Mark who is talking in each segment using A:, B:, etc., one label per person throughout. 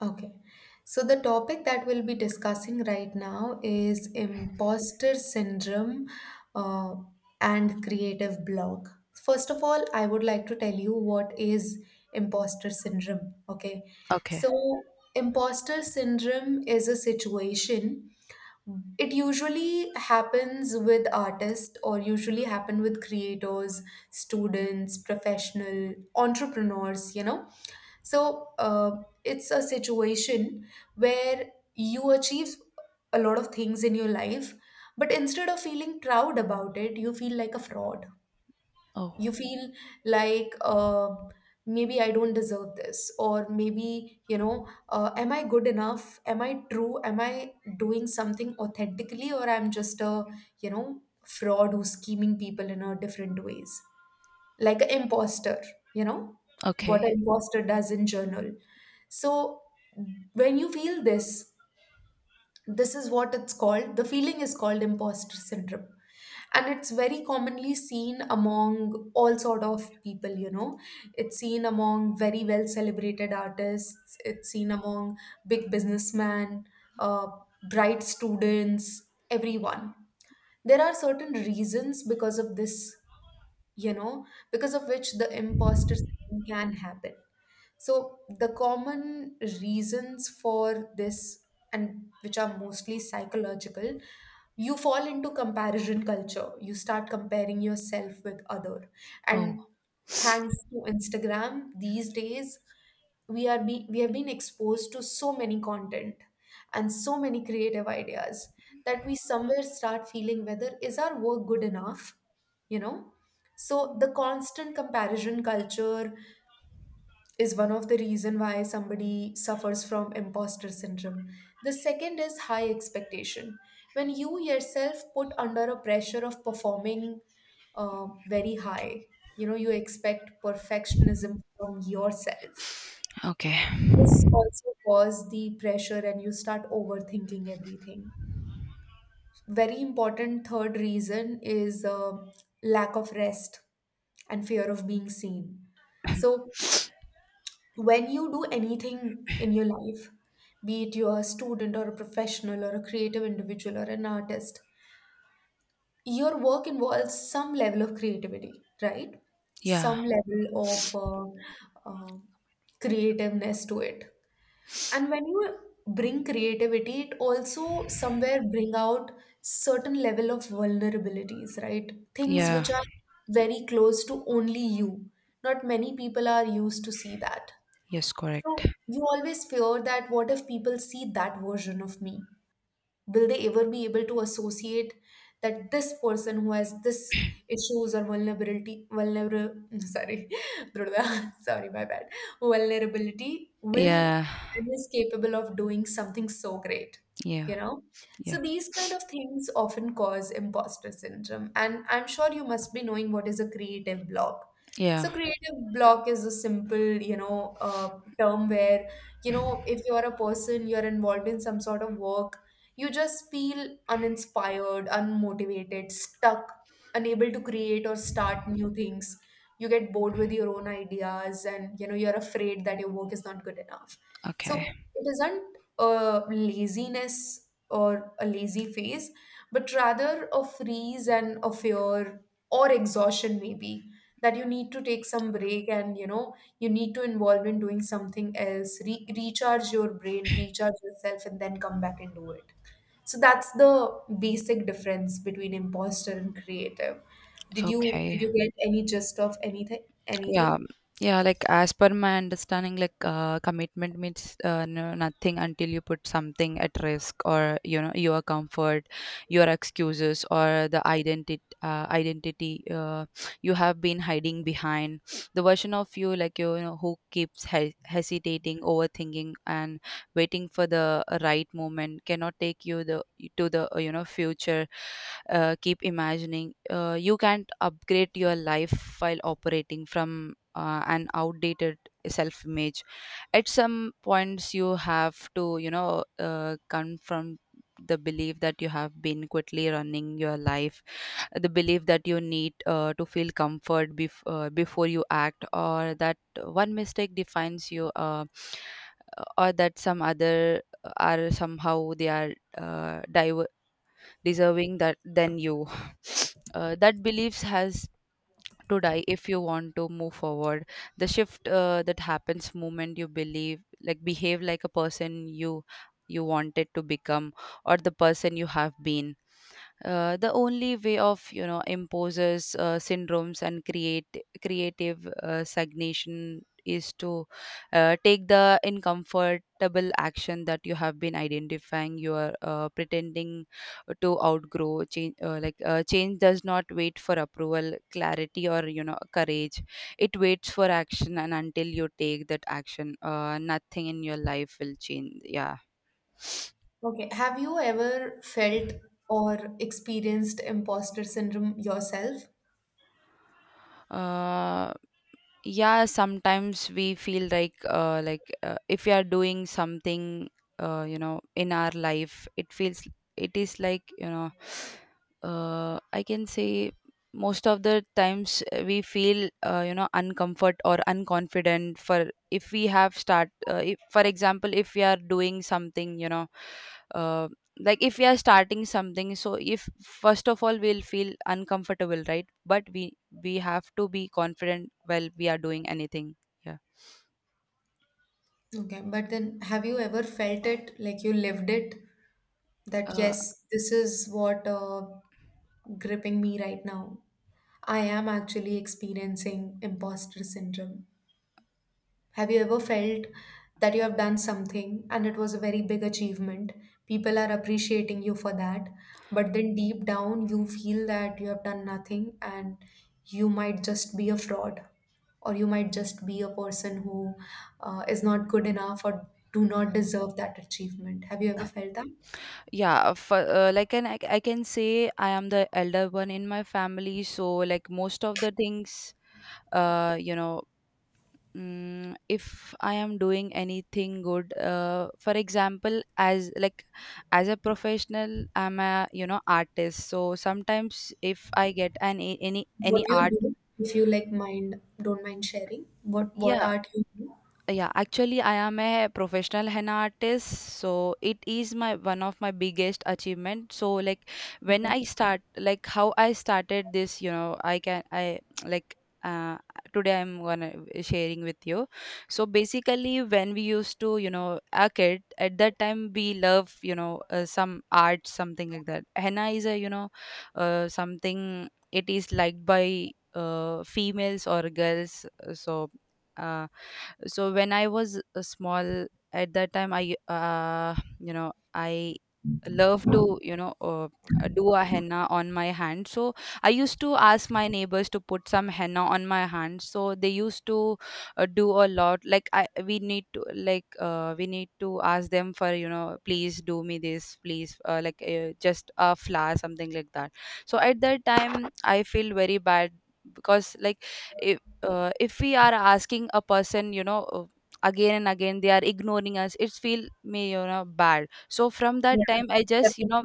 A: Okay. So the topic that we'll be discussing right now is imposter syndrome uh, and creative block. First of all, I would like to tell you what is imposter syndrome. Okay.
B: Okay.
A: So imposter syndrome is a situation. It usually happens with artists or usually happen with creators, students, professional entrepreneurs, so it's a situation where you achieve a lot of things in your life, but instead of feeling proud about it, you feel like a fraud.
B: Oh,
A: You feel like maybe I don't deserve this, or maybe, am I good enough? Am I true? Am I doing something authentically, or I'm just a, fraud who's scheming people in a different ways? Like an imposter, you know, what an
B: okay.
A: imposter does in journal. So when you feel this, this is what it's called. The feeling is called imposter syndrome. And it's very commonly seen among all sort of people, It's seen among very well celebrated artists. It's seen among big businessmen, uh, bright students, everyone. There are certain reasons because of this you know, because of which the imposter syndrome can happen. So the common reasons for this, and which are mostly psychological, you fall into comparison culture. You start comparing yourself with other,
B: Oh,
A: and thanks to Instagram these days, we have been exposed to so many content and so many creative ideas that we somewhere start feeling whether is our work good enough you know so the constant comparison culture is one of the reason why somebody suffers from imposter syndrome. The second is high expectation. When you yourself put under a pressure of performing very high, you expect perfectionism from yourself.
B: okay.
A: This also causes the pressure and you start overthinking everything. Very important third reason is lack of rest and fear of being seen. So when you do anything in your life, be it you're a student or a professional or a creative individual or an artist, your work involves some level of creativity, right?
B: Yeah,
A: Some level of creativeness to it. And when you bring creativity, it also somewhere bring out certain level of vulnerabilities, right? Things
B: yeah,
A: which are very close to only you. Not many people are used to see that.
B: yes, correct.
A: So you always fear that what if people see that version of me? Will they ever be able to associate that this person who has this issues or vulnerability vulnerable, sorry, Dhruva, sorry my bad, vulnerability will
B: Yeah,
A: and is capable of doing something so great,
B: yeah,
A: you know
B: yeah,
A: so these kind of things often cause imposter syndrome, and I'm sure you must be knowing what is a creative block.
B: yeah.
A: So creative block is a simple term where, if you're a person you're involved in some sort of work, you just feel uninspired, unmotivated, stuck, unable to create or start new things. You get bored with your own ideas and you're afraid that your work is not good enough. So
B: Okay,
A: it isn't a laziness or a lazy phase, but rather a freeze and a fear or exhaustion maybe, that you need to take some break and you need to involve in doing something else, recharge your brain, recharge yourself and then come back and do it. So that's the basic difference between imposter and creative. Did you did
B: okay.
A: you get any gist of anything
B: Yeah,
A: anything?
B: yeah, like as per my understanding, like commitment means no, nothing until you put something at risk or, your comfort, your excuses, or the identity, you have been hiding behind. The version of you, like, you, who keeps he hesitating, overthinking, and waiting for the right moment cannot take you the to the you know future. Keep imagining. You can't upgrade your life while operating from an outdated self image. At some points you have to confront the belief that you have been quickly running your life, the belief that you need to feel comfort before you act, or that one mistake defines you, or that some other are somehow they are deserving that than you. That beliefs has to die if you want to move forward. The shift that happens moment you believe, like behave like a person you wanted to become, or the person you have been. The only way of imposes syndromes and create creative stagnation is to take the uncomfortable action that you have been identifying you are pretending to outgrow change. Change does not wait for approval, clarity, or courage. It waits for action, and until you take that action, nothing in your life will change, yeah.
A: Okay. Have you ever felt or experienced imposter syndrome yourself?
B: Uh, yeah sometimes we feel like, like, if we are doing something, in our life, it feels, it is like, I can say most of the times, we feel uncomfort or unconfident. For if we have start if, for example, if we are doing something, uh, like if we are starting something, so if first of all we'll feel uncomfortable, right, but we have to be confident while we are doing anything. Yeah.
A: Okay, but then have you ever felt it like you lived it? That
B: Uh,
A: yes, this is what gripping me right now. I am actually experiencing imposter syndrome. Have you ever felt that you have done something and it was a very big achievement? People are appreciating you for that, but then deep down you feel that you have done nothing and you might just be a fraud, or you might just be a person who is not good enough or do not deserve that achievement. Have you ever felt that?
B: yeah, like, and I can say I am the elder one in my family, so like most of the things, uh, you know, if I am doing anything good, for example, as a professional, I'm a artist. So sometimes if I get an a-
A: What
B: any
A: do you
B: art,
A: do if you like mind don't mind sharing? What
B: yeah.
A: art you do?
B: Yeah, actually, I am a professional henna artist, so it is my one of my biggest achievement. So like when
A: Okay.
B: I start, like how I started this, I like uh today I'm gonna sharing with you. So basically, when we used to, a kid at that time, we love, some art, something like that. Henna is a, something it is liked by females or girls. So. Uh, so when I was small. At that time I love to do a henna on my hand. So I used to ask my neighbors to put some henna on my hand, so they used to do a lot. Like I we need to, like we need to ask them for, please do me this, please, like just a flower, something like that. So at that time I feel very bad, because like I if we are asking a person, again and again, they are ignoring us, it's feel me, bad. So from that time
A: Yes,
B: I just you know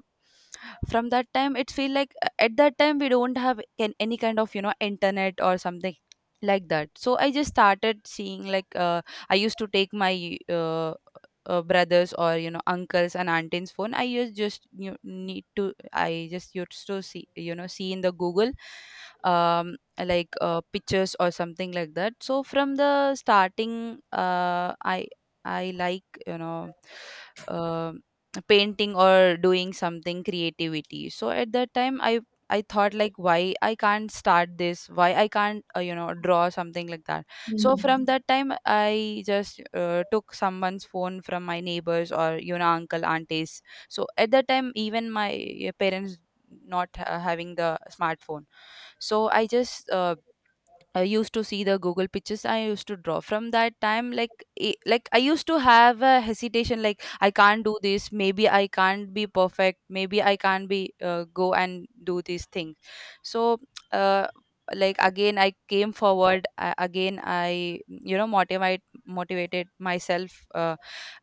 B: from that time it feel like, at that time we don't have any kind of internet or something like that. So I just started seeing, like I used to take my brothers or uncles and aunties phone. I just used to see you know see in the Google. um like pictures or something like that. So from the starting, I like, uh, painting or doing something creativity. So at that time I thought, like why I can't start this, why I can't, draw something like that. So from
A: definitely.
B: that time I just took someone's phone from my neighbors or uncle aunties. So at that time even my parents not having the smartphone. So I just I used to see the Google pictures, I used to draw. From that time, like like I used to have a hesitation, like I can't do this. Maybe I can't be perfect. Maybe I can't be go and do these things. So, uh, like again, I came forward. I, again, I you know motivated myself. uh,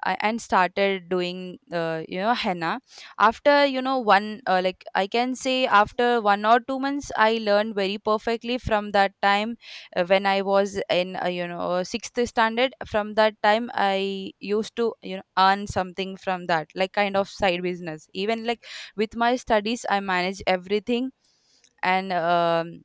B: I, And started doing, henna. After you know one like I can say, after 1 or 2 months, I learned very perfectly from that time, when I was in, sixth standard. From that time, I used to earn something from that, like kind of side business. Even like with my studies, I manage everything and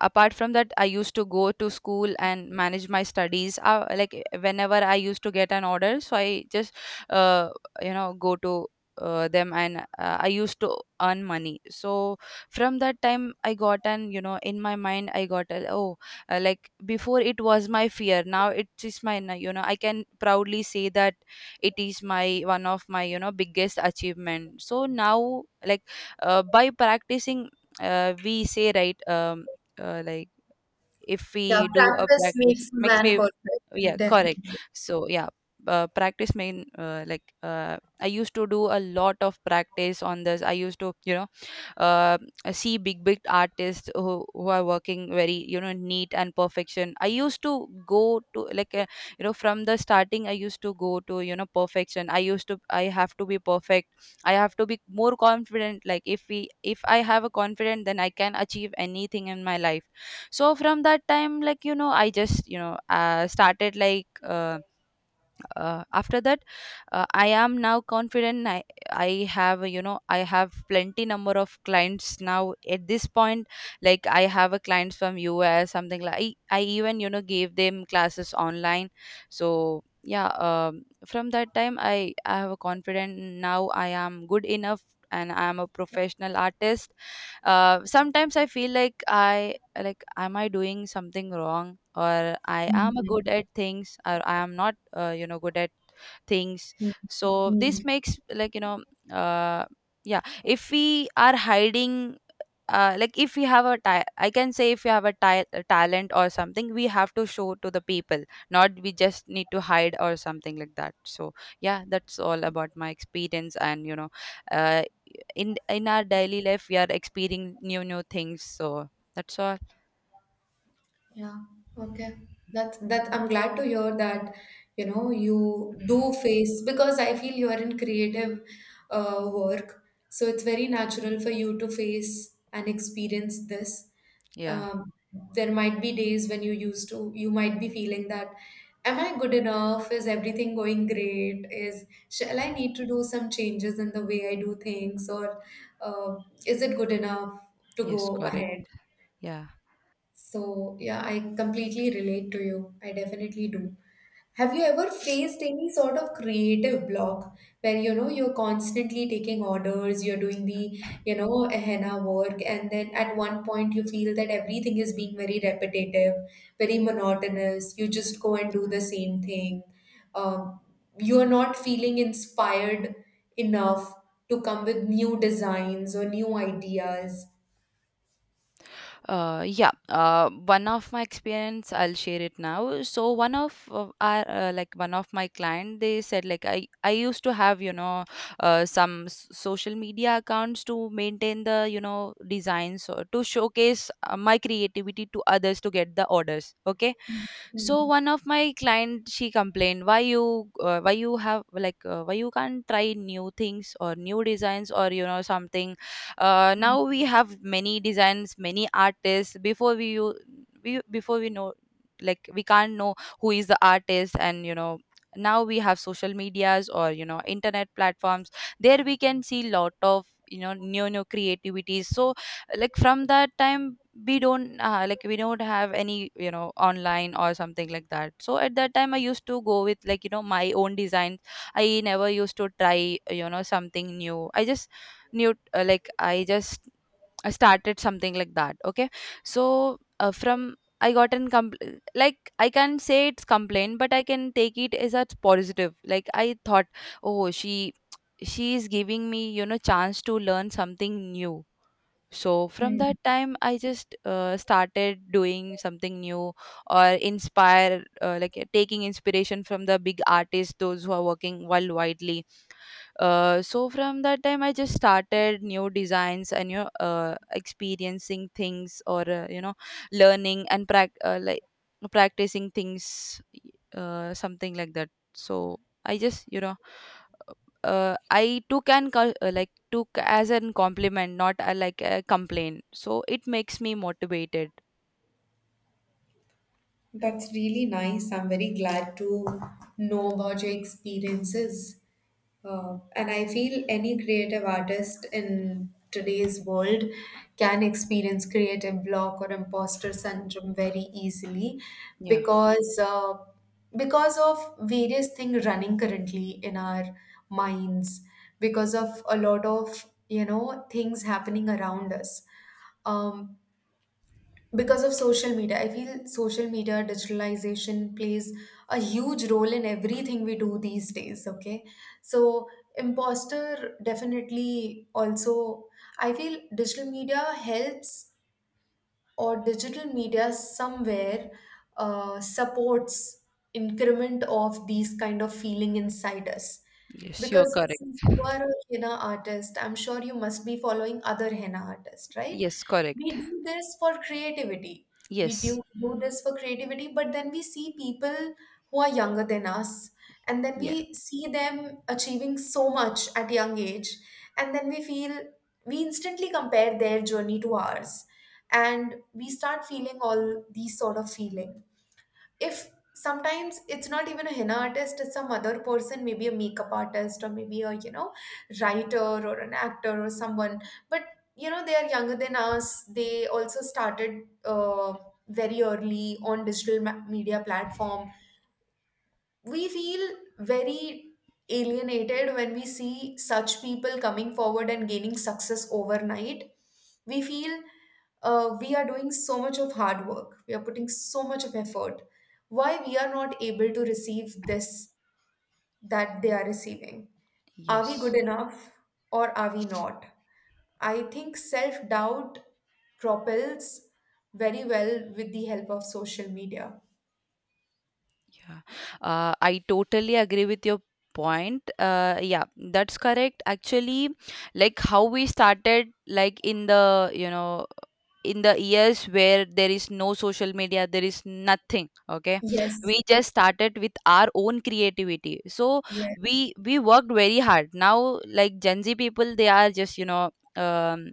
B: apart from that I used to go to school and manage my studies, like whenever I used to get an order, so I just uh, go to them, and I used to earn money. So from that time I got an you know in my mind I got a, oh, like before it was my fear, now it is my I can proudly say that it is my one of my biggest achievement. So now, like by practicing, we say right, like if
A: Yeah,
B: we do a
A: practice
B: practice
A: makes a
B: makes
A: man
B: me,
A: perfect,
B: yeah correct.
A: definitely.
B: So yeah, practice main, I used to do a lot of practice on this. I used to, uh, see big big artists who are working very, neat and perfection. I used to go to, like from the starting, I used to go to you know perfection. I have to be perfect, I have to be more confident. Like if I have a confident, then I can achieve anything in my life. So from that time, like, I just, started, like after that, I am now confident. I have plenty number of clients now at this point. Like I have a clients from us, something like I even, gave them classes online. So yeah, from that time I have a confident, now I am good enough, and I am a professional artist. Sometimes I feel like, I like am I doing something wrong, or I am
A: Mhm.
B: good at things, or I am not, good at things.
A: Mhm.
B: So
A: Mhm.
B: this makes, like, uh, yeah, if we are hiding, like if we have a ti- I can say if we have a ti- a talent or something, we have to show to the people, not we just need to hide or something like that. So yeah, that's all about my experience. And, uh, in our daily life we are experiencing new new things. So that's all.
A: Yeah, okay. That's that I'm glad to hear that, you do face because I feel you are in creative work, so it's very natural for you to face and experience this.
B: Yeah.
A: Um, there might be days when you used to, you might be feeling that, am I good enough? Is everything going great? Is shall I need to do some changes in the way I do things, or uh, is it good enough to
B: Yes,
A: go
B: correct.
A: ahead?
B: Yeah.
A: So, yeah, I completely relate to you. I definitely do. Have you ever faced any sort of creative block where you're constantly taking orders, you're doing the henna work, and then at one point you feel that everything is being very repetitive, very monotonous. You just go and do the same thing. Um, you're not feeling inspired enough to come with new designs or new ideas.
B: Yeah, one of my experience, I'll share it now. So one of my client, they said, like I used to have, some social media accounts to maintain the, designs, or to showcase my creativity to others to get the orders. Okay, so one of my client she complained, why you have like why you can't try new things or new designs or you know something. Now we have many designs, many artists. Before we know, like we can't know who is the artist. And you know, now we have social medias or you know internet platforms. There we can see lot of you know new creativities. So like from that time, we don't like we don't have any you know online or something like that. So at that time I used to go with like you know my own designs. I never used to try you know something new. I just knew like I just started something like that. Okay, so from I got an like I can say it's complaint, but I can take it as a positive. Like I thought, oh, she is giving me you know chance to learn something new. So from
A: Hmm.
B: that time, I just started doing something new or inspire, like taking inspiration from the big artists, those who are working worldwidely. So from that time, I just started new designs and you know, experiencing things or you know, learning and like practicing things, something like that. So I just you know I took an like took as an compliment, not a, like a complaint. So it makes me motivated.
A: That's really nice. I'm very glad to know about your experiences. And I feel any creative artist in today's world can experience creative block or imposter syndrome very easily
B: Yeah.
A: because uh, because of various things running currently in our minds, because of a lot of things happening around us. Um, because of social media, I feel social media digitalization plays a huge role in everything we do these days, okay? So imposter definitely also, I feel digital media helps or digital media somewhere supports increment of these kind of feeling inside us,
B: Yes, you are
A: because
B: correct.
A: since you are a henna artist, I'm sure you must be following other henna artists, right?
B: Yes, correct.
A: We do this for creativity. We
B: Yes.
A: do do this for creativity, but then we see people who are younger than us, and then
B: Yeah.
A: we see them achieving so much at young age, and then we feel we instantly compare their journey to ours, and we start feeling all these sort of feelings. If sometimes it's not even a henna artist, it's some other person, maybe a makeup artist or maybe a writer or an actor or someone, but they are younger than us, they also started very early on digital media platform. We feel very alienated when we see such people coming forward and gaining success overnight. We feel we are doing so much of hard work, we are putting so much of effort, why we are not able to receive this that they are receiving? Are
B: Yes.
A: we good enough, or are we not? I think self doubt propels very well with the help of social media.
B: Yeah, I totally agree with your point. Yeah, that's correct. Actually, like how we started, like in the, you know, in the years where there is no social media, there is nothing. Okay,
A: Yes.
B: we just started with our own creativity. So
A: Yes,
B: we worked very hard. Now, like Gen Z people, they are just you know. Um,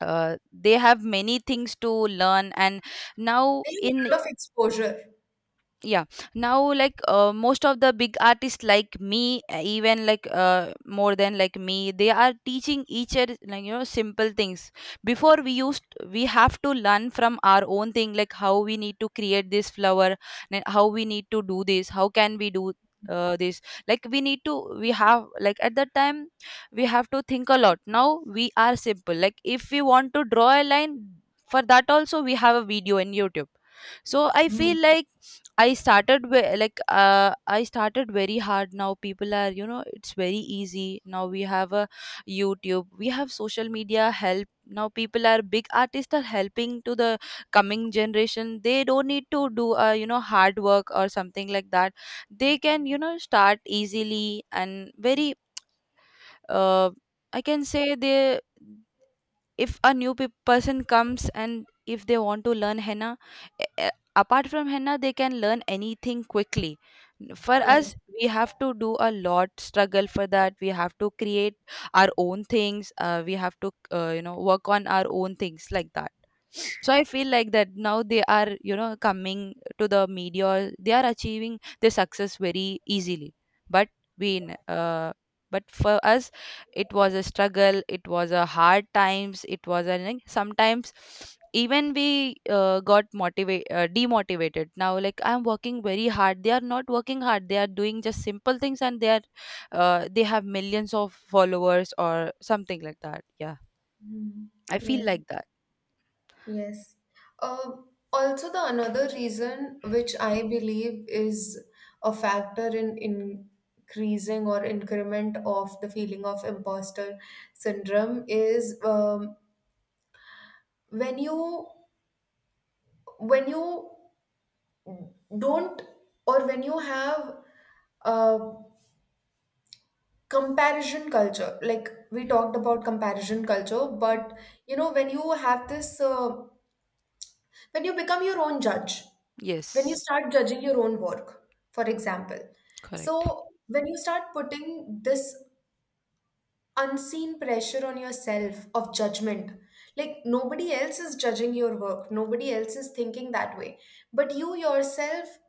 B: uh, They have many things to learn. And now
A: they have
B: in,
A: a lot of exposure.
B: yeah, now like most of the big artists like me even like more than like me, they are teaching each other like you know simple things. Before we used, we have to learn from our own thing, like how we need to create this flower and how we need to do this, how can we do this. Like we need to, we have, like at that time, we have to think a lot. Now we are simple, like if we want to draw a line, for that also we have a video in YouTube. So I feel like I started with like I started very hard. Now people are you know, it's very easy. Now we have a YouTube, we have social media help. Now people are, big artists are helping to the coming generation. They don't need to do a you know hard work or something like that. They can you know start easily and very uh, I can say they, if a new person comes and if they want to learn henna, a- a- apart from henna, they can learn anything quickly. For
A: Yes.
B: us, we have to do a lot struggle for that. We have to create our own things. We have to you know work on our own things like that. So I feel like that now they are you know coming to the media, they are achieving their success very easily. But we n- uh, but for us, it was a struggle, it was a hard times, it was a, like, sometimes even we got motivate demotivated. Now like I'm working very hard, they are not working hard, they are doing just simple things, and they are they have millions of followers or something like that. Yeah,
A: Mm.
B: I feel
A: Yes.
B: like that.
A: Yes. Um also, the another reason which I believe is a factor in increasing or increment of the feeling of imposter syndrome is when you, when you don't, or when you have uh, comparison culture. Like we talked about comparison culture, but you know when you have this. When you become your own judge, when you
B: Yes,
A: start judging your own work, for example.
B: correct.
A: So, when you start putting this unseen pressure on yourself of judgment, like nobody else is judging your work, nobody else is thinking that way, but you yourself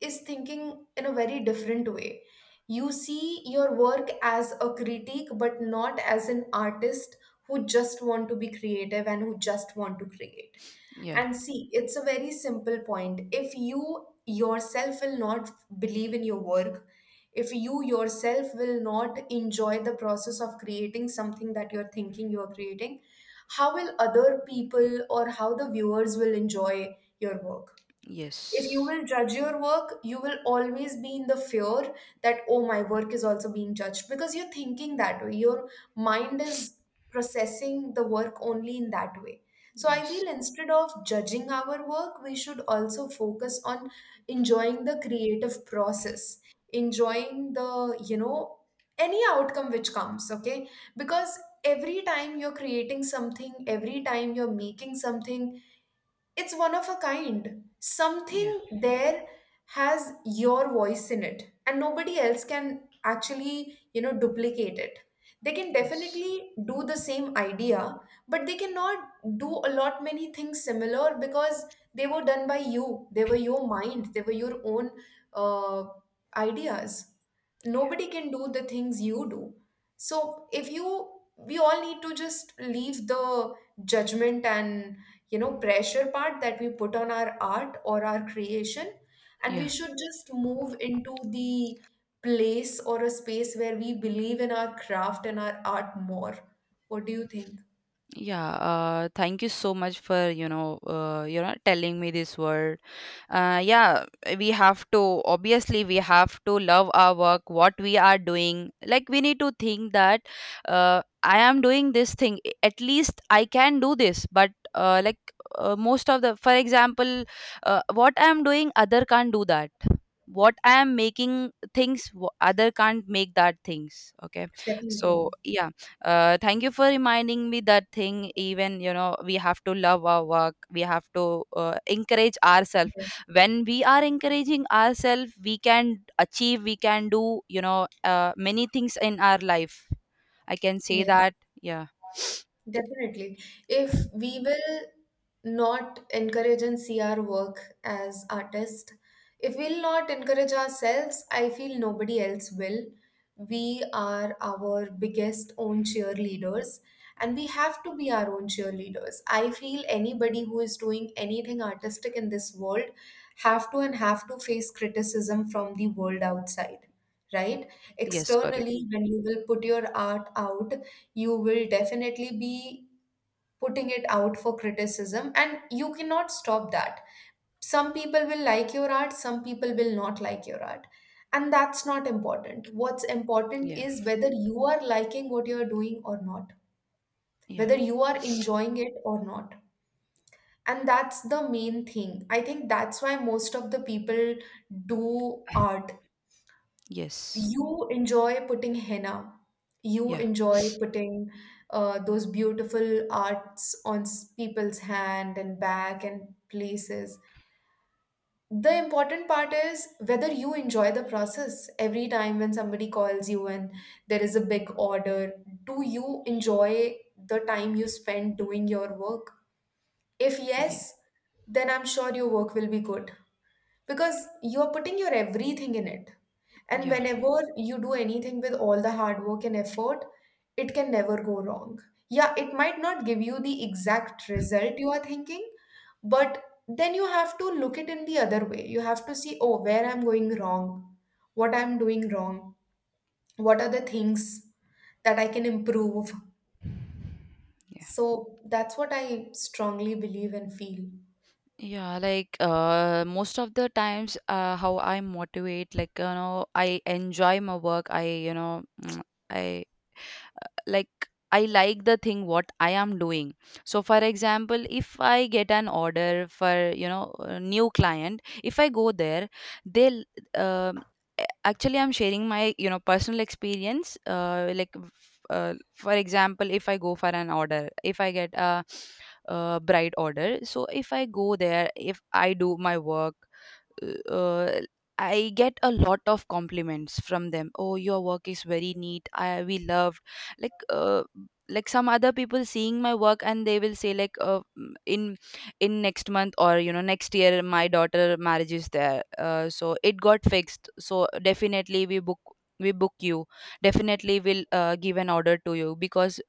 A: is thinking in a very different way. You see your work as a critique, but not as an artist who just want to be creative and who just want to create.
B: Yeah.
A: And see, it's a very simple point. If you yourself will not believe in your work, if you yourself will not enjoy the process of creating something that you're thinking you're creating, how will other people or how the viewers will enjoy your work? If you
B: Yes.
A: will judge your work, you will always be in the fear that, oh, my work is also being judged because you're thinking that way. Your mind is processing the work only in that way. So I
B: Yes.
A: feel instead of judging our work, we should also focus on enjoying the creative process, enjoying the, any outcome which comes, okay? Because every time you're creating something, every time you're making something, it's one of a kind.
B: Yeah.
A: Something there has your voice in it, and nobody else can actually, duplicate it. They can
B: Yes.
A: definitely do the same idea, but they cannot do a lot many things similar because they were done by you. They were your mind. They were your own uh, ideas. Nobody can do the things you do. So if you, we all need to just leave the judgment and pressure part that we put on our art or our creation, and we
B: Yeah.
A: should just move into the place or a space where we believe in our craft and our art more. What do you think?
B: Yeah, thank you so much for you know telling me this word. Yeah, we have to, obviously we have to love our work, what we are doing. Like we need to think that I am doing this thing. At least I can do this. But like most of the, for example, what I am doing, other can't do that. What I am making things, other can't make that things. Okay,
A: Definitely.
B: so yeah, thank you for reminding me that thing. Even you know, we have to love our work, we have to encourage ourselves. When we are encouraging ourselves, we can achieve, we can do you know many things in our life. I can say
A: Yes.
B: that. Yeah.
A: Definitely. If we will not encourage and see our work as artists, if we'll not encourage ourselves, I feel nobody else will. We are our biggest own cheerleaders and we have to be our own cheerleaders. I feel anybody who is doing anything artistic in this world have to and have to face criticism from the world outside, right?
B: Yes, correct.
A: Externally, when you will put your art out, you will definitely be putting it out for criticism and you cannot stop that. Some people will like your art, some people will not like your art, and that's not important. What's important
B: Yeah.
A: is whether you are liking what you are doing or not,
B: Yeah.
A: whether you are enjoying it or not. And that's the main thing, I think. That's why most of the people do art.
B: Yes.
A: You enjoy putting henna. You
B: Yeah.
A: enjoy putting those beautiful arts on people's hand and back and places. The important part is whether you enjoy the process. Every time when somebody calls you and there is a big order, do you enjoy the time you spend doing your work? If
B: Yeah.
A: yes, then I'm sure your work will be good because you're putting your everything in it. And
B: Yeah.
A: whenever you do anything with all the hard work and effort, it can never go wrong. Yeah, it might not give you the exact result you are thinking, but then you have to look it in the other way. You have to see, oh, where I'm going wrong, what I'm doing wrong, what are the things that I can improve. So that's what I strongly believe and feel.
B: Yeah, like most of the times, how I motivate, like you know, I enjoy my work. I you know, I like, I like the thing what I am doing. So for example, if I get an order for you know a new client, if I go there, they'll um, actually I'm sharing my you know personal experience. Like for example, if I go for an order, if I get a, bride order, so if I go there, if I do my work, uh, I get a lot of compliments from them. Oh, your work is very neat. I we loved, like uh, like some other people seeing my work, and they will say like mm, in next month or you know next year my daughter marriage is there. So it got fixed. So definitely we book, we book you definitely will give an order to you because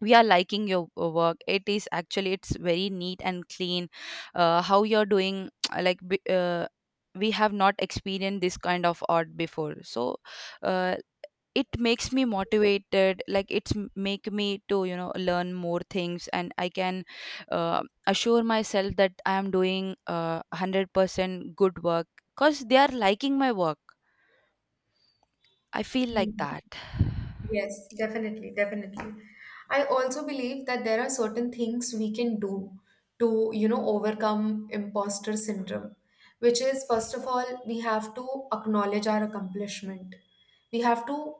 B: we are liking your work. It is actually, it's very neat and clean. How you're doing. Like we have not experienced this kind of art before. So uh, it makes me motivated. Like it's make me to you know learn more things. And I can uh, assure myself that I am doing 100% good work because they are liking my work. I feel like that.
A: Yes, definitely, definitely. I also believe that there are certain things we can do to, you know, overcome imposter syndrome, which is first of all, we have to acknowledge our accomplishment. We have to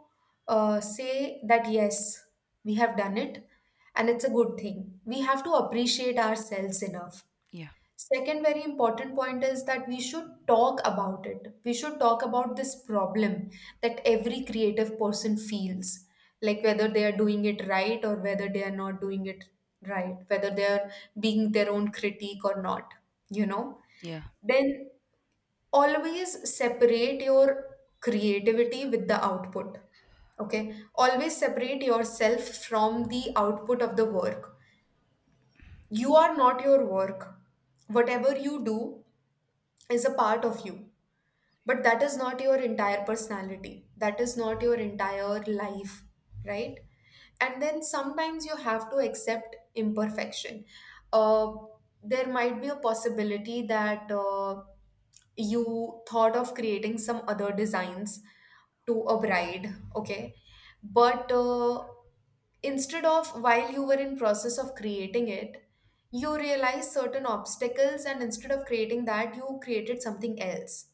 A: say that yes, we have done it and it's a good thing. We have to appreciate ourselves enough.
B: Yeah.
A: Second very important point is that we should talk about it. We should talk about this problem that every creative person feels, like whether they are doing it right or whether they are not doing it right, whether they are being their own critique or not, you know.
B: Yeah.
A: Then always separate your creativity with the output. Okay, always separate yourself from the output of the work. You are not your work. Whatever you do is a part of you, but that is not your entire personality, that is not your entire life, right? And then sometimes you have to accept imperfection. uh, there might be a possibility that you thought of creating some other designs to a bride, okay, but instead of while you were in process of creating it, you realize certain obstacles, and instead of creating that you created something else,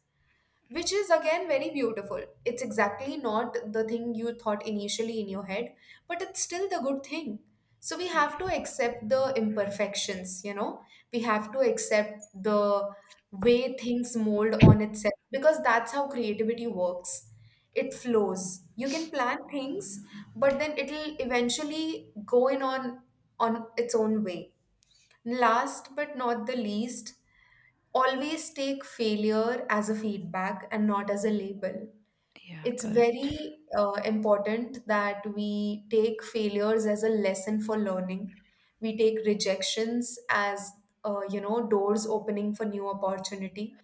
A: which is again very beautiful. It's exactly not the thing you thought initially in your head, but it's still the good thing. So we have to
B: Yeah,
A: accept the imperfections, you know, we have to accept the way things mold on itself because that's how creativity works. It flows. You can plan things, but then it'll eventually go in on its own way. Last but not the least, always take failure as a feedback and not as a label.
B: yeah,
A: It's
B: correct.
A: very important that we take failures as a lesson for learning. We take rejections as you know, doors opening for new opportunity.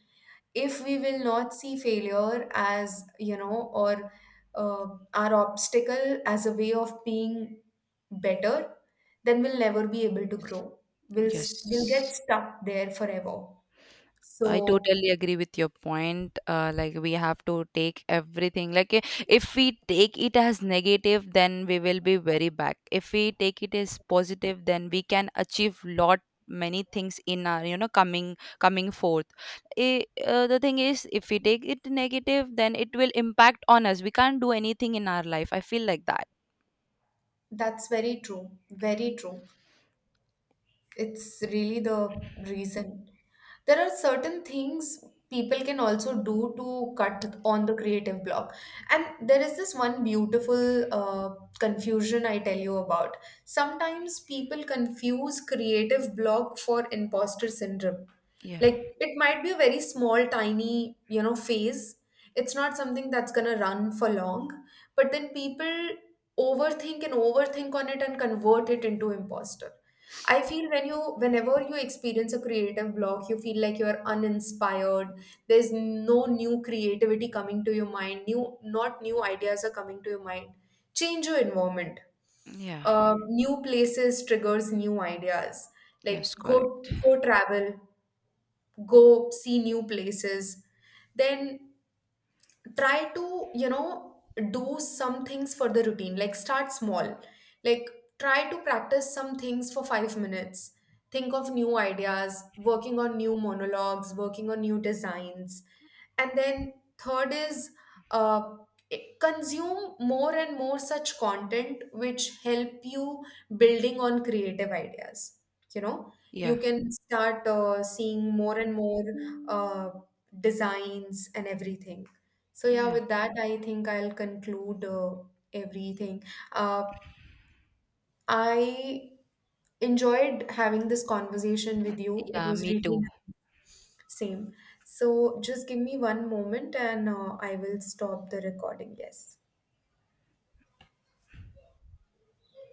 A: If we will not see failure as, you know, or uh, our obstacle as a way of being better, then we'll never be able to grow. We'll get
B: Yes,
A: stuck there forever.
B: I
A: So
B: totally agree with your point. Like we have to take everything. Like if we take it as negative, then we will be very back. If we take it as positive, then we can achieve lot many things in our you know coming forth. I, the thing is, if we take it negative, then it will impact on us. We can't do anything in our life. I feel like that.
A: That's very true. Very true. It's really the reason there are certain things people can also do to cut on the creative block. And there is this one beautiful confusion I tell you about. Sometimes people confuse creative block for imposter syndrome.
B: Yeah.
A: Like, it might be a very small, tiny, you know, phase. It's not something that's going to run for long, but then people overthink and overthink on it and convert it into imposter. I feel when you, whenever you experience a creative block, you feel like you're uninspired. There's no new creativity coming to your mind. New, not new ideas are coming to your mind. Change your environment.
B: Yeah.
A: New places triggers new ideas. Like,
B: Yes. Correct.
A: go, go travel, go see new places. Then try to, you know, do some things for the routine, like start small, like try to practice some things for 5 minutes, think of new ideas, working on new monologues, working on new designs. And then third is uh, consume more and more such content which help you building on creative ideas, you know. You
B: Yeah.
A: can start seeing more and more uh, designs and everything. So yeah,
B: Yeah.
A: with that, I think I'll conclude everything. Uh, I enjoyed having this conversation with you. It
B: Yeah.
A: was
B: Me
A: really
B: too.
A: same. So just give me one moment and I will stop the recording. Yes.